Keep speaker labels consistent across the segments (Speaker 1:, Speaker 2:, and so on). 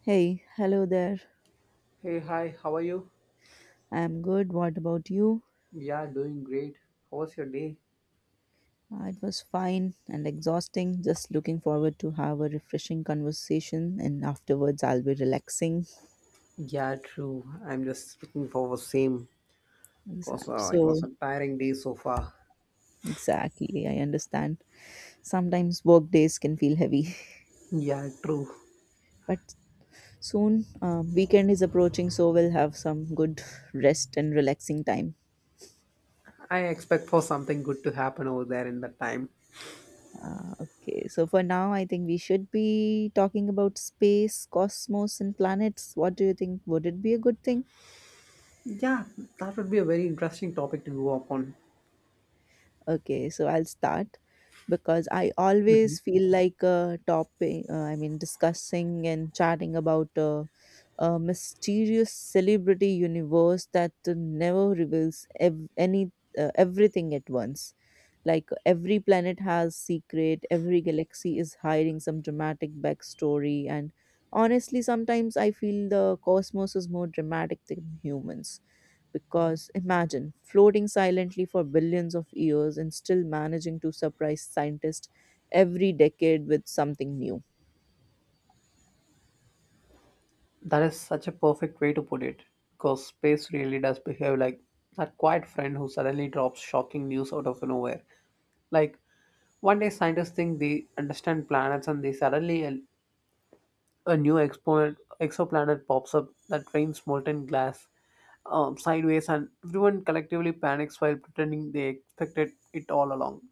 Speaker 1: Hey, hello there.
Speaker 2: Hey, hi, how are you?
Speaker 1: I'm good. What about you?
Speaker 2: Yeah, doing great. How was your day?
Speaker 1: It was fine and exhausting. Just looking forward to have a refreshing conversation and afterwards I'll be relaxing.
Speaker 2: Yeah, true. I'm just looking for the same because
Speaker 1: Exact.
Speaker 2: it was
Speaker 1: So,
Speaker 2: a tiring day so far.
Speaker 1: exactly, I understand. Sometimes work days can feel heavy,
Speaker 2: Yeah, true.
Speaker 1: but soon weekend is approaching, so we'll have some good rest and relaxing time.
Speaker 2: I expect for something good to happen over there in that time.
Speaker 1: Okay, so for now, I think we should be talking about space, cosmos, and planets. What do you think? Would it be a good thing?
Speaker 2: Yeah, that would be a very interesting topic to go upon.
Speaker 1: Okay, so I'll start because I always feel like discussing and chatting about a mysterious celebrity universe that never reveals any everything at once. Like every planet has secret, every galaxy is hiding some dramatic backstory, and honestly, sometimes I feel the cosmos is more dramatic than humans. Because imagine floating silently for billions of years and still managing to surprise scientists every decade with something new.
Speaker 2: That is such a perfect way to put it because space really does behave like that quiet friend who suddenly drops shocking news out of nowhere. Like, one day scientists think they understand planets and they suddenly a new exoplanet pops up that rains molten glass sideways, and everyone collectively panics while pretending they expected it all along.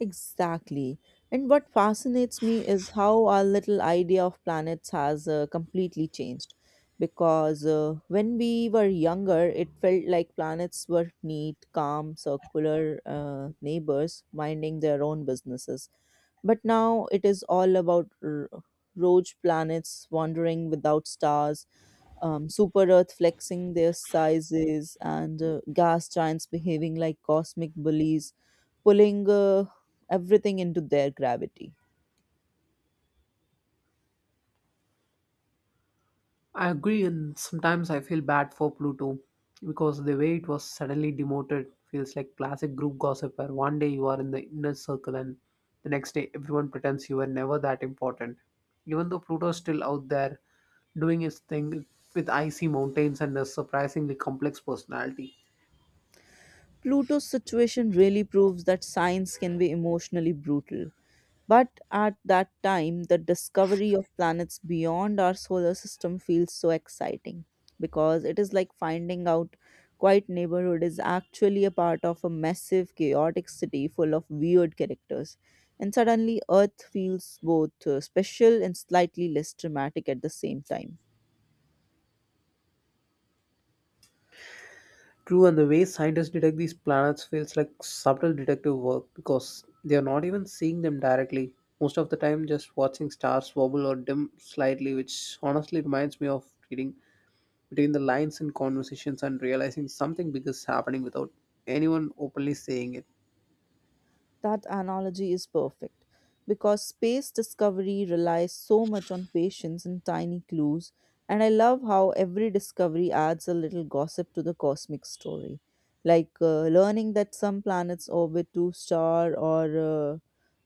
Speaker 1: Exactly. And what fascinates me is how our little idea of planets has completely changed. Because when we were younger, it felt like planets were neat, calm, circular neighbors minding their own businesses. But now it is all about rogue planets wandering without stars, super Earth flexing their sizes, and gas giants behaving like cosmic bullies pulling everything into their gravity.
Speaker 2: I agree, and sometimes I feel bad for Pluto because the way it was suddenly demoted feels like classic group gossip where one day you are in the inner circle and the next day everyone pretends you were never that important. Even though Pluto's still out there doing his thing with icy mountains and a surprisingly complex personality.
Speaker 1: Pluto's situation really proves that science can be emotionally brutal. But at that time, the discovery of planets beyond our solar system feels so exciting because it is like finding out quite neighborhood is actually a part of a massive chaotic city full of weird characters, and suddenly earth feels both special and slightly less dramatic at the same time.
Speaker 2: True, and the way scientists detect these planets feels like subtle detective work because they are not even seeing them directly. Most of the time, just watching stars wobble or dim slightly, which honestly reminds me of reading between the lines in conversations and realizing something big is happening without anyone openly saying it.
Speaker 1: That analogy is perfect because space discovery relies so much on patience and tiny clues, and I love how every discovery adds a little gossip to the cosmic story. Like learning that some planets orbit two star, or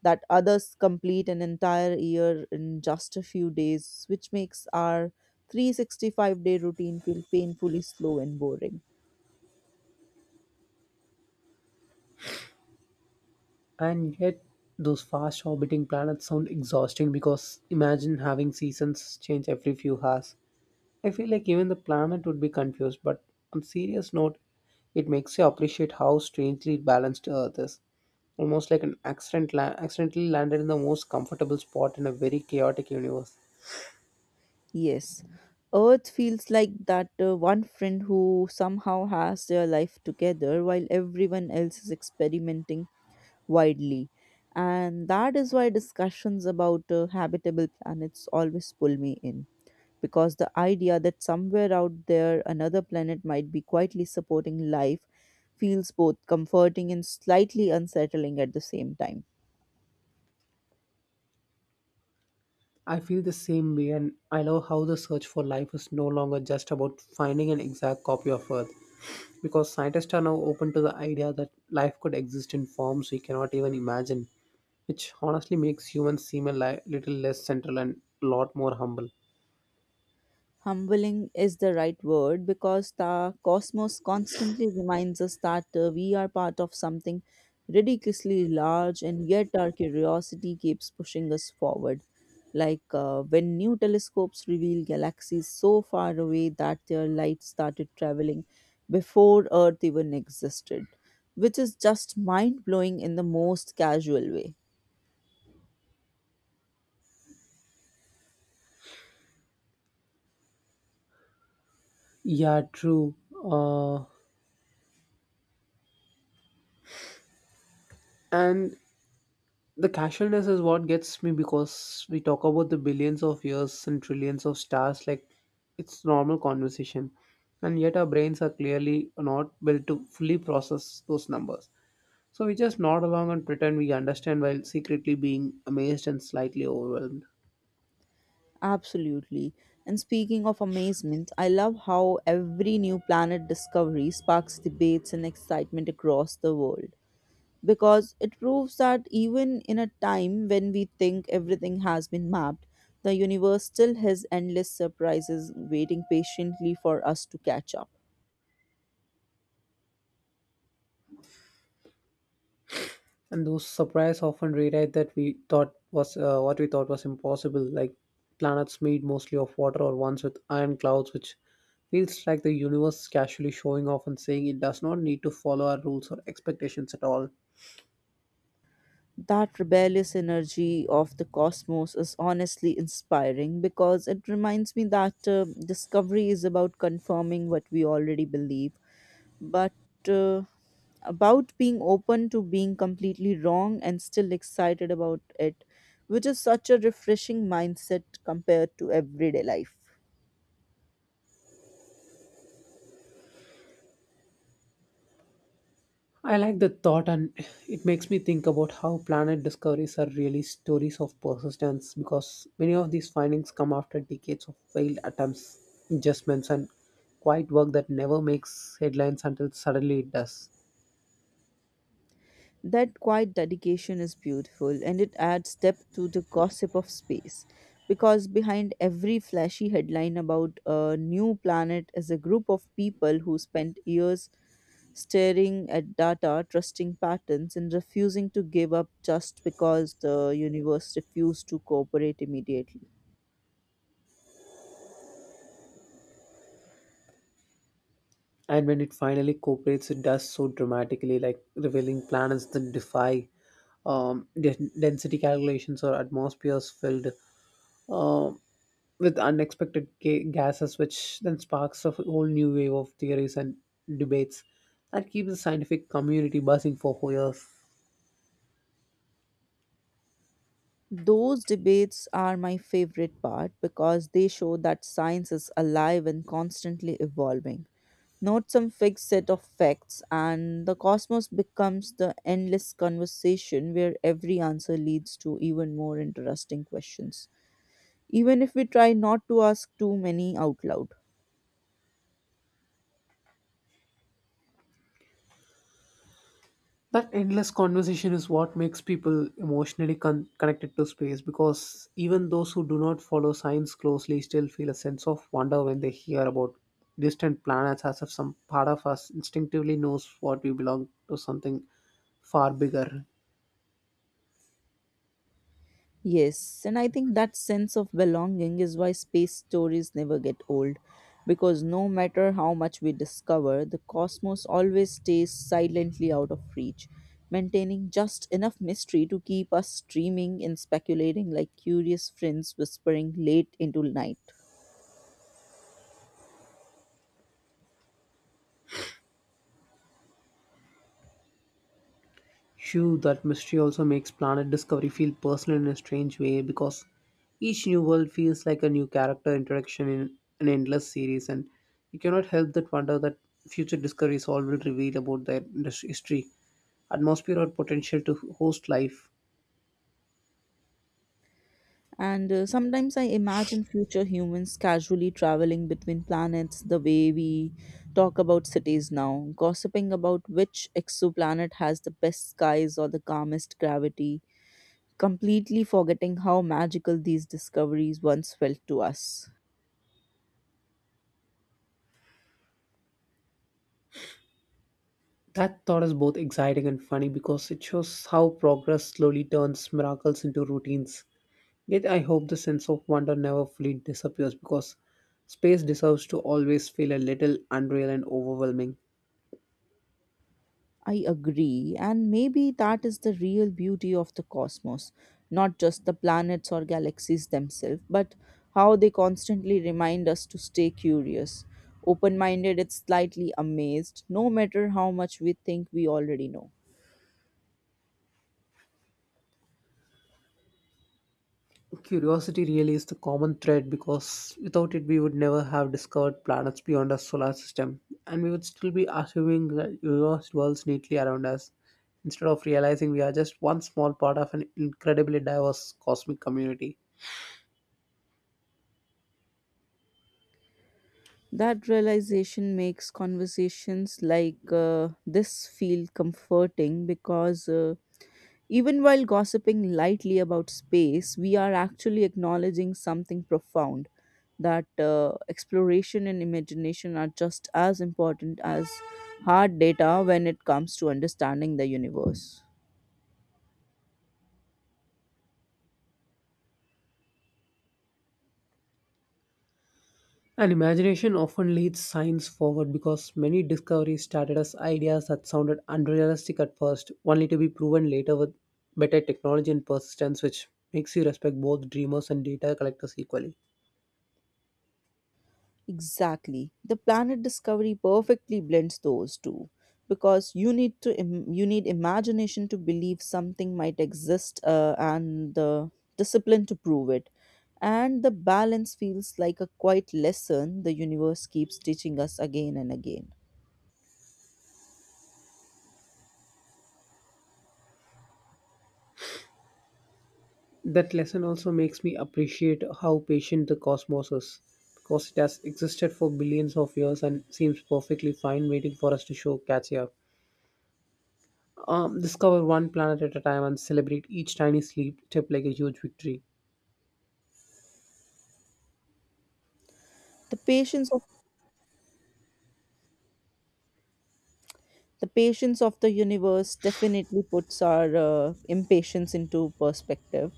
Speaker 1: that others complete an entire year in just a few days, which makes our 365-day day routine feel painfully slow and boring.
Speaker 2: And yet, those fast orbiting planets sound exhausting because imagine having seasons change every few hours. I feel like even the planet would be confused, but on serious note, it makes you appreciate how strangely balanced Earth is. Almost like an accident accidentally landed in the most comfortable spot in a very chaotic universe.
Speaker 1: Yes, Earth feels like that one friend who somehow has their life together while everyone else is experimenting widely. And that is why discussions about habitable planets always pull me in. Because the idea that somewhere out there another planet might be quietly supporting life feels both comforting and slightly unsettling at the same time.
Speaker 2: I feel the same way, and I love how the search for life is no longer just about finding an exact copy of Earth, because scientists are now open to the idea that life could exist in forms we cannot even imagine, which honestly makes humans seem a little less central and a lot more humble.
Speaker 1: Humbling is the right word because the cosmos constantly reminds us that we are part of something ridiculously large, and yet our curiosity keeps pushing us forward. Like when new telescopes reveal galaxies so far away that their light started traveling before Earth even existed, which is just mind blowing in the most casual way.
Speaker 2: Yeah, true. Uh, and the casualness is what gets me because we talk about the billions of years and trillions of stars like it's normal conversation, and yet our brains are clearly not built to fully process those numbers. So we just nod along and pretend we understand while secretly being amazed and slightly overwhelmed.
Speaker 1: Absolutely. And speaking of amazement, I love how every new planet discovery sparks debates and excitement across the world because it proves that even in a time when we think everything has been mapped, the universe still has endless surprises waiting patiently for us to catch up.
Speaker 2: And those surprise often rewrite that we thought was what we thought was impossible, like planets made mostly of water or ones with iron clouds, which feels like the universe casually showing off and saying it does not need to follow our rules or expectations at all.
Speaker 1: That rebellious energy of the cosmos is honestly inspiring because it reminds me that discovery is about confirming what we already believe, but uh, about being open to being completely wrong and still excited about it, which is such a refreshing mindset compared to everyday life.
Speaker 2: I like the thought, and it makes me think about how planet discoveries are really stories of persistence because many of these findings come after decades of failed attempts, adjustments, and quiet work that never makes headlines until suddenly it does.
Speaker 1: That quiet dedication is beautiful, and it adds depth to the gossip of space because behind every flashy headline about a new planet is a group of people who spent years staring at data, trusting patterns, and refusing to give up just because the universe refused to cooperate immediately.
Speaker 2: And when it finally cooperates, it does so dramatically, like revealing planets that defy density calculations or atmospheres filled um with unexpected gases, which then sparks a whole new wave of theories and debates that keep the scientific community buzzing for years.
Speaker 1: Those debates are my favorite part because they show that science is alive and constantly evolving, not some fixed set of facts, and the cosmos becomes the endless conversation where every answer leads to even more interesting questions, even if we try not to ask too many out loud.
Speaker 2: That endless conversation is what makes people emotionally connected to space because even those who do not follow science closely still feel a sense of wonder when they hear about distant planets, as if some part of us instinctively knows what we belong to something far bigger.
Speaker 1: Yes, and I think that sense of belonging is why space stories never get old. Because no matter how much we discover, the cosmos always stays silently out of reach, maintaining just enough mystery to keep us dreaming and speculating like curious friends whispering late into night.
Speaker 2: Shoo, that mystery also makes planet discovery feel personal in a strange way because each new world feels like a new character introduction in an endless series, and you cannot help but wonder that future discoveries all will reveal about their history, atmosphere, or potential to host life.
Speaker 1: And sometimes I imagine future humans casually traveling between planets the way we talk about cities now, gossiping about which exoplanet has the best skies or the calmest gravity, completely forgetting how magical these discoveries once felt to us.
Speaker 2: That thought is both exciting and funny because it shows how progress slowly turns miracles into routines. Yet I hope the sense of wonder never fully disappears because space deserves to always feel a little unreal and overwhelming.
Speaker 1: I agree, and maybe that is the real beauty of the cosmos, not just the planets or galaxies themselves, but how they constantly remind us to stay curious, open minded, and slightly amazed, no matter how much we think we already know.
Speaker 2: Curiosity really is the common thread because without it, we would never have discovered planets beyond our solar system, and we would still be assuming that universe dwells neatly around us instead of realizing we are just one small part of an incredibly diverse cosmic community.
Speaker 1: That realization makes conversations like this feel comforting because. Even while gossiping lightly about space, we are actually acknowledging something profound that exploration and imagination are just as important as hard data when it comes to understanding the universe.
Speaker 2: And imagination often leads science forward because many discoveries started as ideas that sounded unrealistic at first, only to be proven later with better technology and persistence, which makes you respect both dreamers and data collectors equally.
Speaker 1: Exactly. The planet discovery perfectly blends those two because you need imagination to believe something might exist, and the discipline to prove it. And the balance feels like a quiet lesson the universe keeps teaching us again and again.
Speaker 2: That lesson also makes me appreciate how patient the cosmos is, because it has existed for billions of years and seems perfectly fine waiting for us to show catch up. Discover one planet at a time and celebrate each tiny sleep step like a huge victory.
Speaker 1: The patience The patience of the universe definitely puts our impatience into perspective,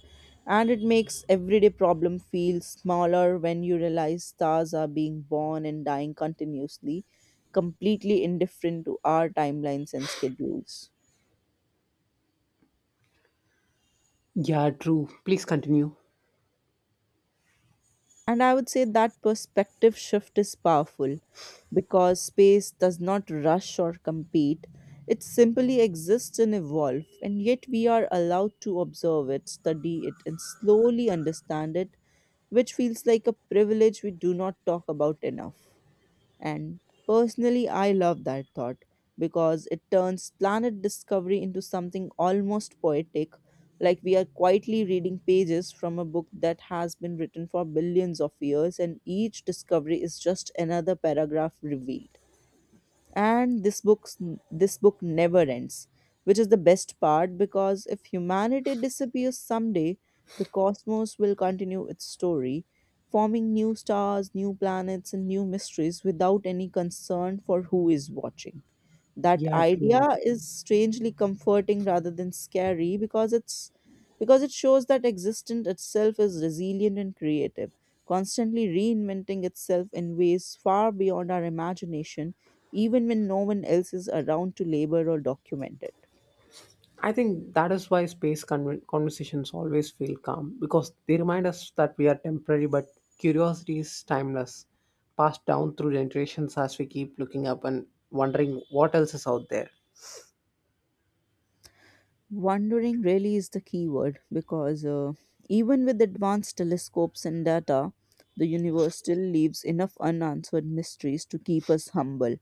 Speaker 1: and it makes everyday problem feel smaller when you realize stars are being born and dying continuously, completely indifferent to our timelines and schedules.
Speaker 2: Yeah, true. Please continue.
Speaker 1: And I would say that perspective shift is powerful because space does not rush or compete. It simply exists and evolves, and yet we are allowed to observe it, study it, and slowly understand it, which feels like a privilege we do not talk about enough. And personally, I love that thought because it turns planet discovery into something almost poetic, like we are quietly reading pages from a book that has been written for billions of years, and each discovery is just another paragraph revealed. And this book never ends, which is the best part, because if humanity disappears someday, the cosmos will continue its story, forming new stars, new planets, and new mysteries without any concern for who is watching. That
Speaker 2: Yeah,
Speaker 1: idea
Speaker 2: true.
Speaker 1: is strangely comforting rather than scary, because it shows that existence itself is resilient and creative, constantly reinventing itself in ways far beyond our imagination, even when no one else is around to labor or document it.
Speaker 2: I think that is why space conversations always feel calm because they remind us that we are temporary, but curiosity is timeless, passed down through generations as we keep looking up and wondering what else is out there.
Speaker 1: Wondering really is the key word because even with advanced telescopes and data, the universe still leaves enough unanswered mysteries to keep us humble,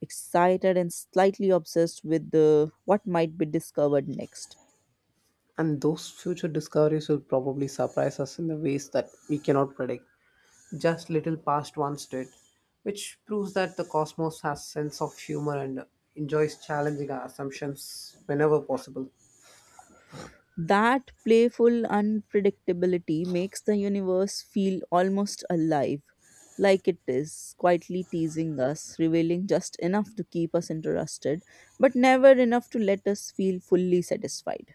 Speaker 1: excited, and slightly obsessed with the, what might be discovered next.
Speaker 2: And those future discoveries will probably surprise us in the ways that we cannot predict, just little past once did, which proves that the cosmos has sense of humor and enjoys challenging our assumptions whenever possible.
Speaker 1: That playful unpredictability makes the universe feel almost alive, like it is quietly teasing us, revealing just enough to keep us interested, but never enough to let us feel fully satisfied.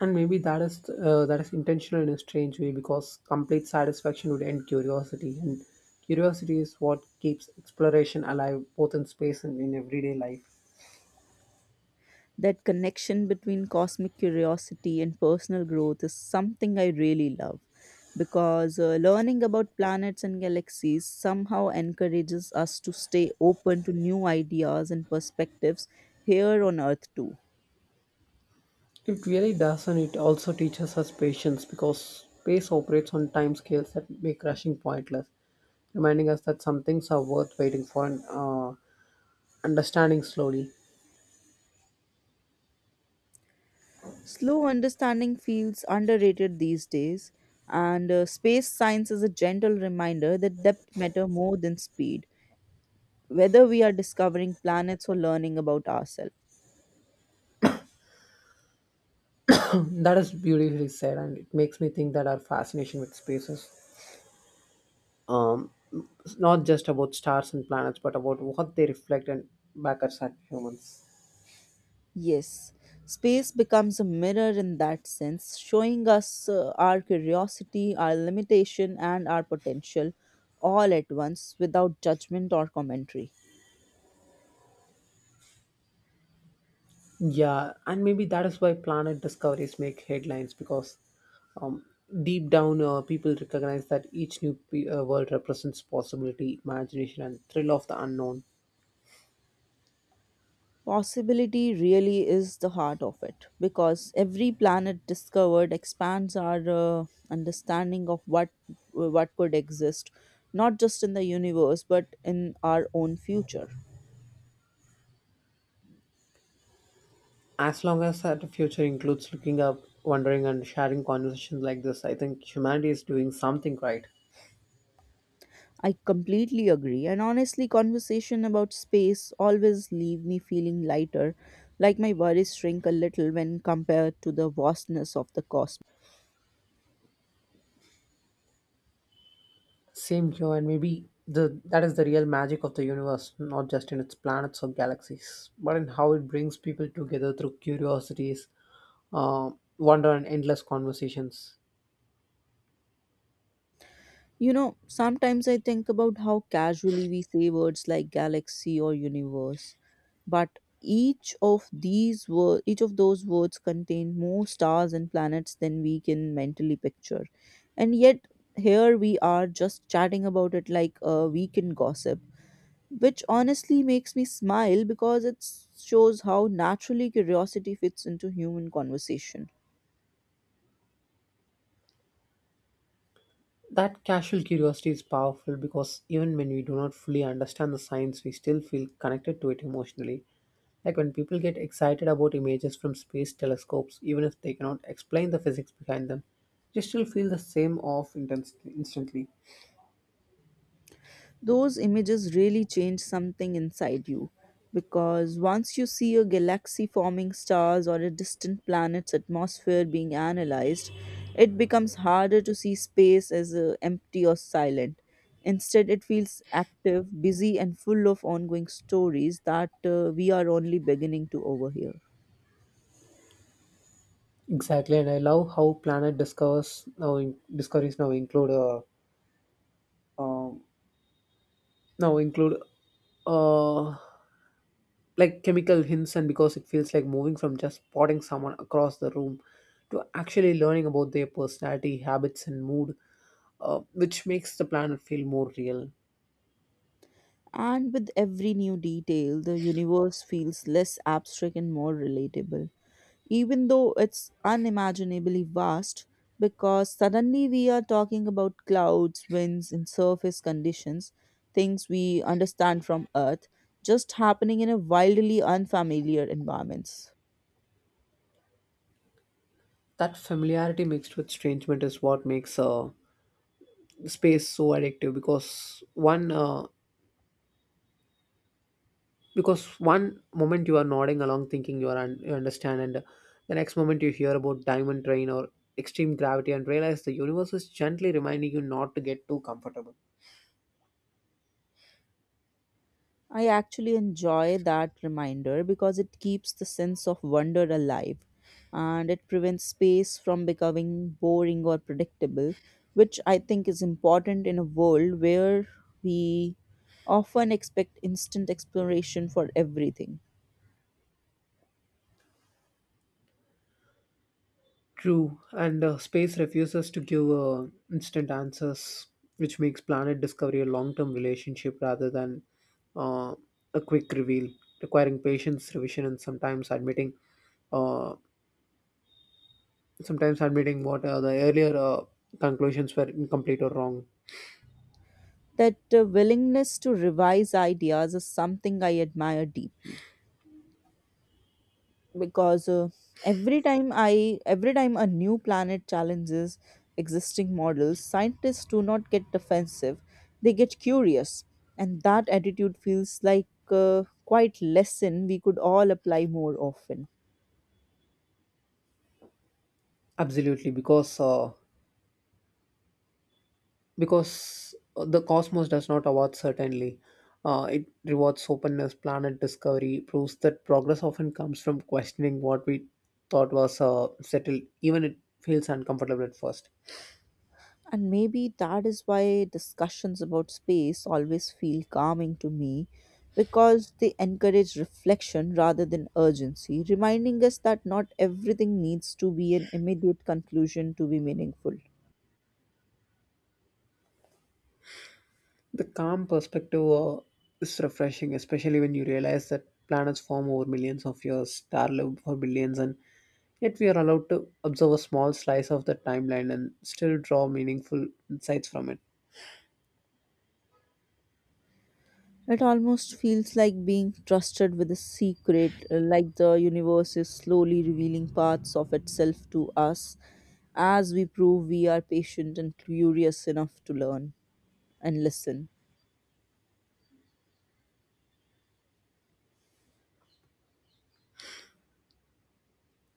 Speaker 2: And maybe that is intentional in a strange way because complete satisfaction would end curiosity, and curiosity is what keeps exploration alive both in space and in everyday life.
Speaker 1: That connection between cosmic curiosity and personal growth is something I really love because learning about planets and galaxies somehow encourages us to stay open to new ideas and perspectives here on Earth, too.
Speaker 2: It really does, and it also teaches us patience because space operates on time scales that make rushing pointless, reminding us that some things are worth waiting for and understanding slowly.
Speaker 1: Slow understanding feels underrated these days, and space science is a gentle reminder that depth matter more than speed, whether we are discovering planets or learning about ourselves.
Speaker 2: That is beautifully said, and it makes me think that our fascination with space is um, it's not just about stars and planets, but about what they reflect and back us at humans.
Speaker 1: Yes, space becomes a mirror in that sense, showing us our curiosity, our limitation, and our potential all at once without judgment or commentary.
Speaker 2: Yeah, and maybe that is why planet discoveries make headlines because um, deep down, people recognize that each new world represents possibility, imagination, and thrill of the unknown.
Speaker 1: Possibility really is the heart of it because every planet discovered expands our understanding of what could exist, not just in the universe but in our own future.
Speaker 2: As long as that future includes looking up, wondering, and sharing conversations like this, I think humanity is doing something right.
Speaker 1: I completely agree. And honestly, conversation about space always leave me feeling lighter, like my worries shrink a little when compared to the vastness of the cosmos.
Speaker 2: Same here, and maybe the that is the real magic of the universe, not just in its planets or galaxies, but in how it brings people together through curiosities, uh, wonder, and endless conversations.
Speaker 1: You know, sometimes I think about how casually we say words like galaxy or universe, but each of those words contain more stars and planets than we can mentally picture. And yet here we are just chatting about it like a weekend gossip, which honestly makes me smile because it shows how naturally curiosity fits into human conversation.
Speaker 2: That casual curiosity is powerful because even when we do not fully understand the science, we still feel connected to it emotionally. Like when people get excited about images from space telescopes, even if they cannot explain the physics behind them, they still feel the same off intensity instantly.
Speaker 1: Those images really change something inside you because once you see a galaxy forming stars or a distant planet's atmosphere being analyzed, it becomes harder to see space as empty or silent. Instead, it feels active, busy, and full of ongoing stories that we are only beginning to overhear.
Speaker 2: Exactly, and I love how planet discovers now in, discoveries now um, include uh, like chemical hints, and because it feels like moving from just spotting someone across the room to actually learning about their personality, habits, and mood, which makes the planet feel more real.
Speaker 1: And with every new detail, the universe feels less abstract and more relatable, even though it's unimaginably vast, because suddenly we are talking about clouds, winds, and surface conditions, things we understand from Earth, just happening in a wildly unfamiliar environments.
Speaker 2: That familiarity mixed with estrangement is what makes space so addictive because because one moment you are nodding along thinking you are you understand, and the next moment you hear about diamond train or extreme gravity and realize the universe is gently reminding you not to get too comfortable.
Speaker 1: I actually enjoy that reminder because it keeps the sense of wonder alive, and it prevents space from becoming boring or predictable, which I think is important in a world where we often expect instant exploration for everything.
Speaker 2: True, and space refuses to give instant answers, which makes planet discovery a long-term relationship rather than uh, a quick reveal, requiring patience, revision, and uh, sometimes admitting what the earlier conclusions were incomplete or wrong.
Speaker 1: That willingness to revise ideas is something I admire deeply. Because Every time a new planet challenges existing models, scientists do not get defensive, they get curious, and that attitude feels like a quite lesson we could all apply more often.
Speaker 2: Absolutely, because because the cosmos does not award certainly. It rewards openness, planet discovery, proves that progress often comes from questioning what we thought was settled, even it feels uncomfortable at first.
Speaker 1: And maybe that is why discussions about space always feel calming to me, because they encourage reflection rather than urgency, reminding us that not everything needs to be an immediate conclusion to be meaningful.
Speaker 2: The calm perspective is refreshing, especially when you realize that planets form over millions of years, star live for billions, and yet we are allowed to observe a small slice of the timeline and still draw meaningful insights from it.
Speaker 1: It almost feels like being trusted with a secret, like the universe is slowly revealing parts of itself to us as we prove we are patient and curious enough to learn and listen.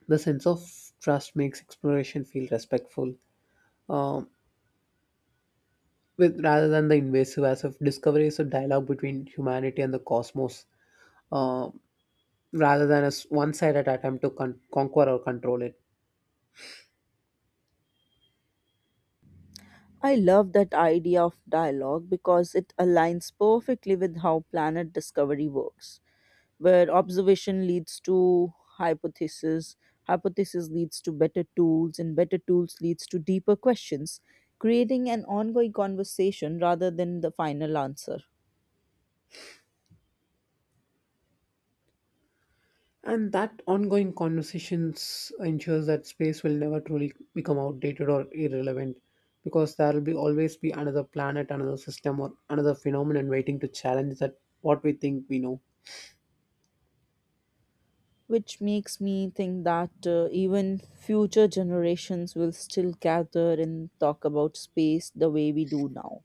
Speaker 2: The sense of trust makes exploration feel respectful, um, with rather than the invasive. As if discovery is a dialogue between humanity and the cosmos, um, rather than a one-sided attempt to conquer or control it.
Speaker 1: I love that idea of dialogue because it aligns perfectly with how planet discovery works, where observation leads to hypothesis, hypothesis leads to better tools, and better tools leads to deeper questions, creating an ongoing conversation rather than the final answer.
Speaker 2: And that ongoing conversations ensures that space will never truly become outdated or irrelevant, because there will be always be another planet, another system, or another phenomenon waiting to challenge that what we think we know.
Speaker 1: Which makes me think that even future generations will still gather and talk about space the way we do now,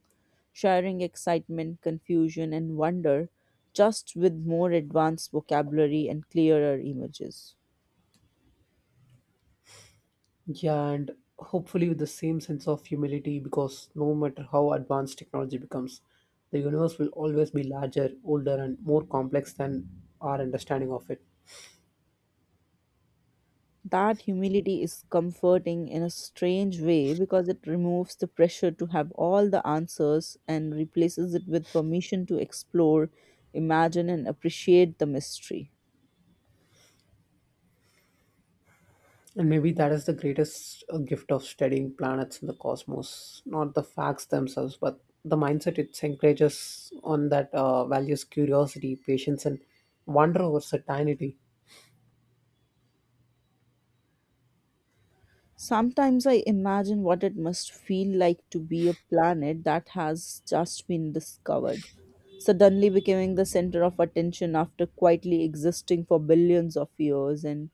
Speaker 1: sharing excitement, confusion, and wonder, just with more advanced vocabulary and clearer images.
Speaker 2: Yeah, and hopefully with the same sense of humility, because no matter how advanced technology becomes, the universe will always be larger, older, and more complex than our understanding of it.
Speaker 1: That humility is comforting in a strange way, because it removes the pressure to have all the answers and replaces it with permission to explore, imagine, and appreciate the mystery.
Speaker 2: And maybe that is the greatest gift of studying planets in the cosmos, not the facts themselves, but the mindset it encourages on that values curiosity, patience, and wonder over certainty.
Speaker 1: Sometimes I imagine what it must feel like to be a planet that has just been discovered, suddenly becoming the center of attention after quietly existing for billions of years. And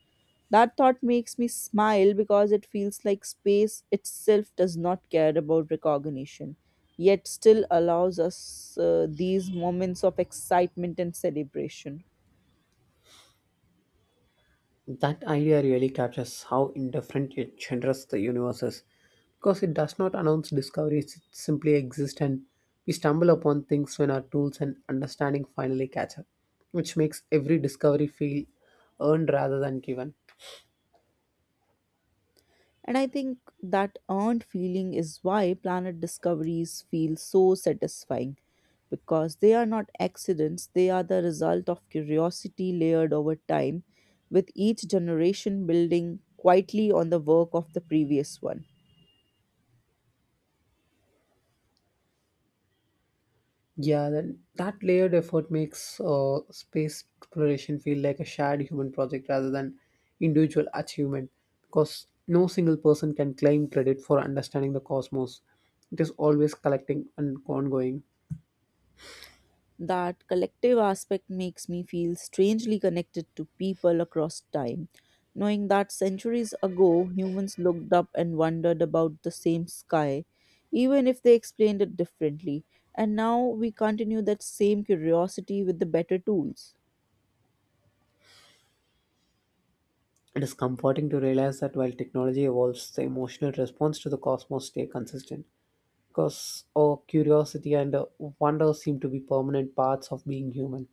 Speaker 1: that thought makes me smile because it feels like space itself does not care about recognition, yet still allows us these moments of excitement and celebration.
Speaker 2: That idea really captures how indifferent yet generous the universe is, because it does not announce discoveries, it simply exists and we stumble upon things when our tools and understanding finally catch up, which makes every discovery feel earned rather than given.
Speaker 1: And I think that earned feeling is why planet discoveries feel so satisfying, because they are not accidents, they are the result of curiosity layered over time, with each generation building quietly on the work of the previous one.
Speaker 2: Yeah, that layered effort makes space exploration feel like a shared human project rather than individual achievement, because no single person can claim credit for understanding the cosmos. It is always collecting and ongoing.
Speaker 1: That collective aspect makes me feel strangely connected to people across time, knowing that centuries ago humans looked up and wondered about the same sky, even if they explained it differently, and now we continue that same curiosity with the better tools.
Speaker 2: It is comforting to realize that while technology evolves, the emotional response to the cosmos stay consistent because our curiosity and wonder seem to be permanent parts of being human.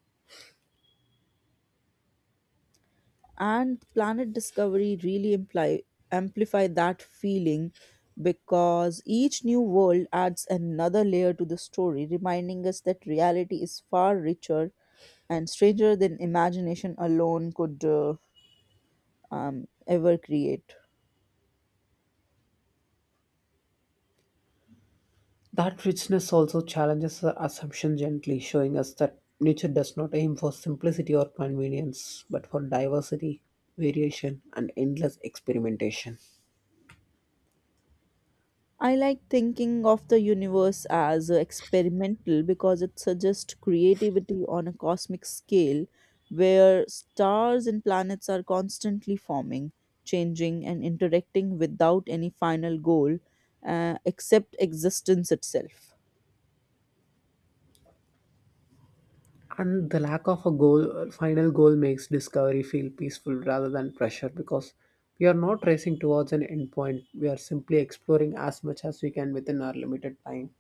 Speaker 1: And planet discovery really amplify that feeling, because each new world adds another layer to the story, reminding us that reality is far richer and stranger than imagination alone could ever create.
Speaker 2: That richness also challenges the assumption gently, showing us that nature does not aim for simplicity or convenience, but for diversity, variation, and endless experimentation.
Speaker 1: I like thinking of the universe as experimental, because it suggests creativity on a cosmic scale where stars and planets are constantly forming, changing, and interacting without any final goal, except existence itself.
Speaker 2: And the lack of a final goal makes discovery feel peaceful rather than pressure because we are not racing towards an endpoint. We are simply exploring as much as we can within our limited time.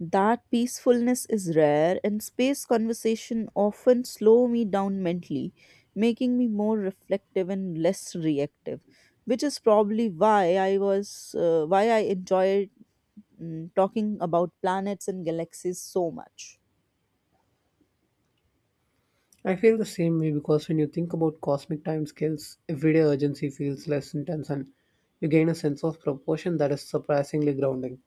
Speaker 1: That peacefulness is rare, and space conversation often slow me down mentally, making me more reflective and less reactive, which is probably why I was why I enjoyed talking about planets and galaxies so much.
Speaker 2: I feel the same way because when you think about cosmic time scales, everyday urgency feels less intense and you gain a sense of proportion that is surprisingly grounding.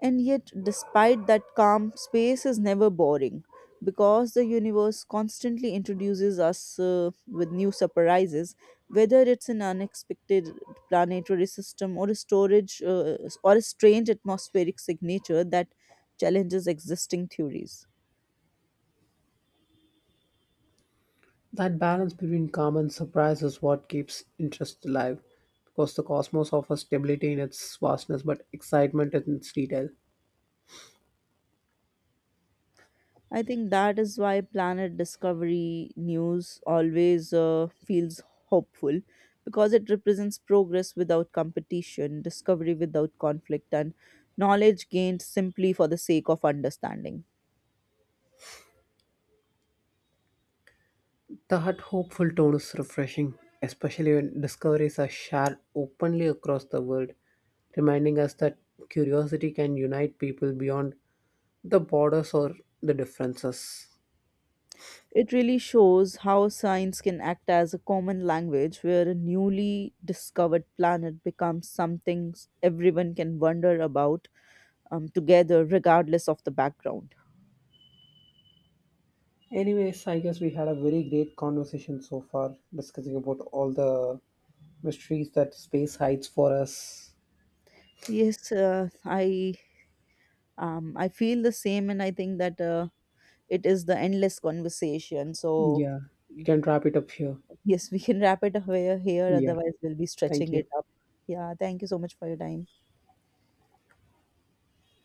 Speaker 1: And yet, despite that calm, space is never boring, because the universe constantly introduces us with new surprises, whether it's an unexpected planetary system, or a storage or a strange atmospheric signature that challenges existing theories.
Speaker 2: That balance between calm and surprise is what keeps interest alive because the cosmos offers stability in its vastness but excitement in its detail.
Speaker 1: I think that is why Planet Discovery news always feels hopeful, because it represents progress without competition, discovery without conflict, and knowledge gained simply for the sake of understanding.
Speaker 2: That hopeful tone is refreshing, especially when discoveries are shared openly across the world, reminding us that curiosity can unite people beyond the borders or the differences.
Speaker 1: It really shows how science can act as a common language, where a newly discovered planet becomes something everyone can wonder about together, regardless of the background.
Speaker 2: Anyways, I guess we had a very great conversation so far, discussing about all the mysteries that space hides for us.
Speaker 1: Yes, I feel the same, and I think that it is the endless conversation, so
Speaker 2: Yeah, we
Speaker 1: mm,
Speaker 2: can wrap it up here.
Speaker 1: yes, we can wrap it up here,
Speaker 2: Yeah.
Speaker 1: otherwise we'll be stretching
Speaker 2: Thank you.
Speaker 1: it up. Yeah, thank you so much for your time.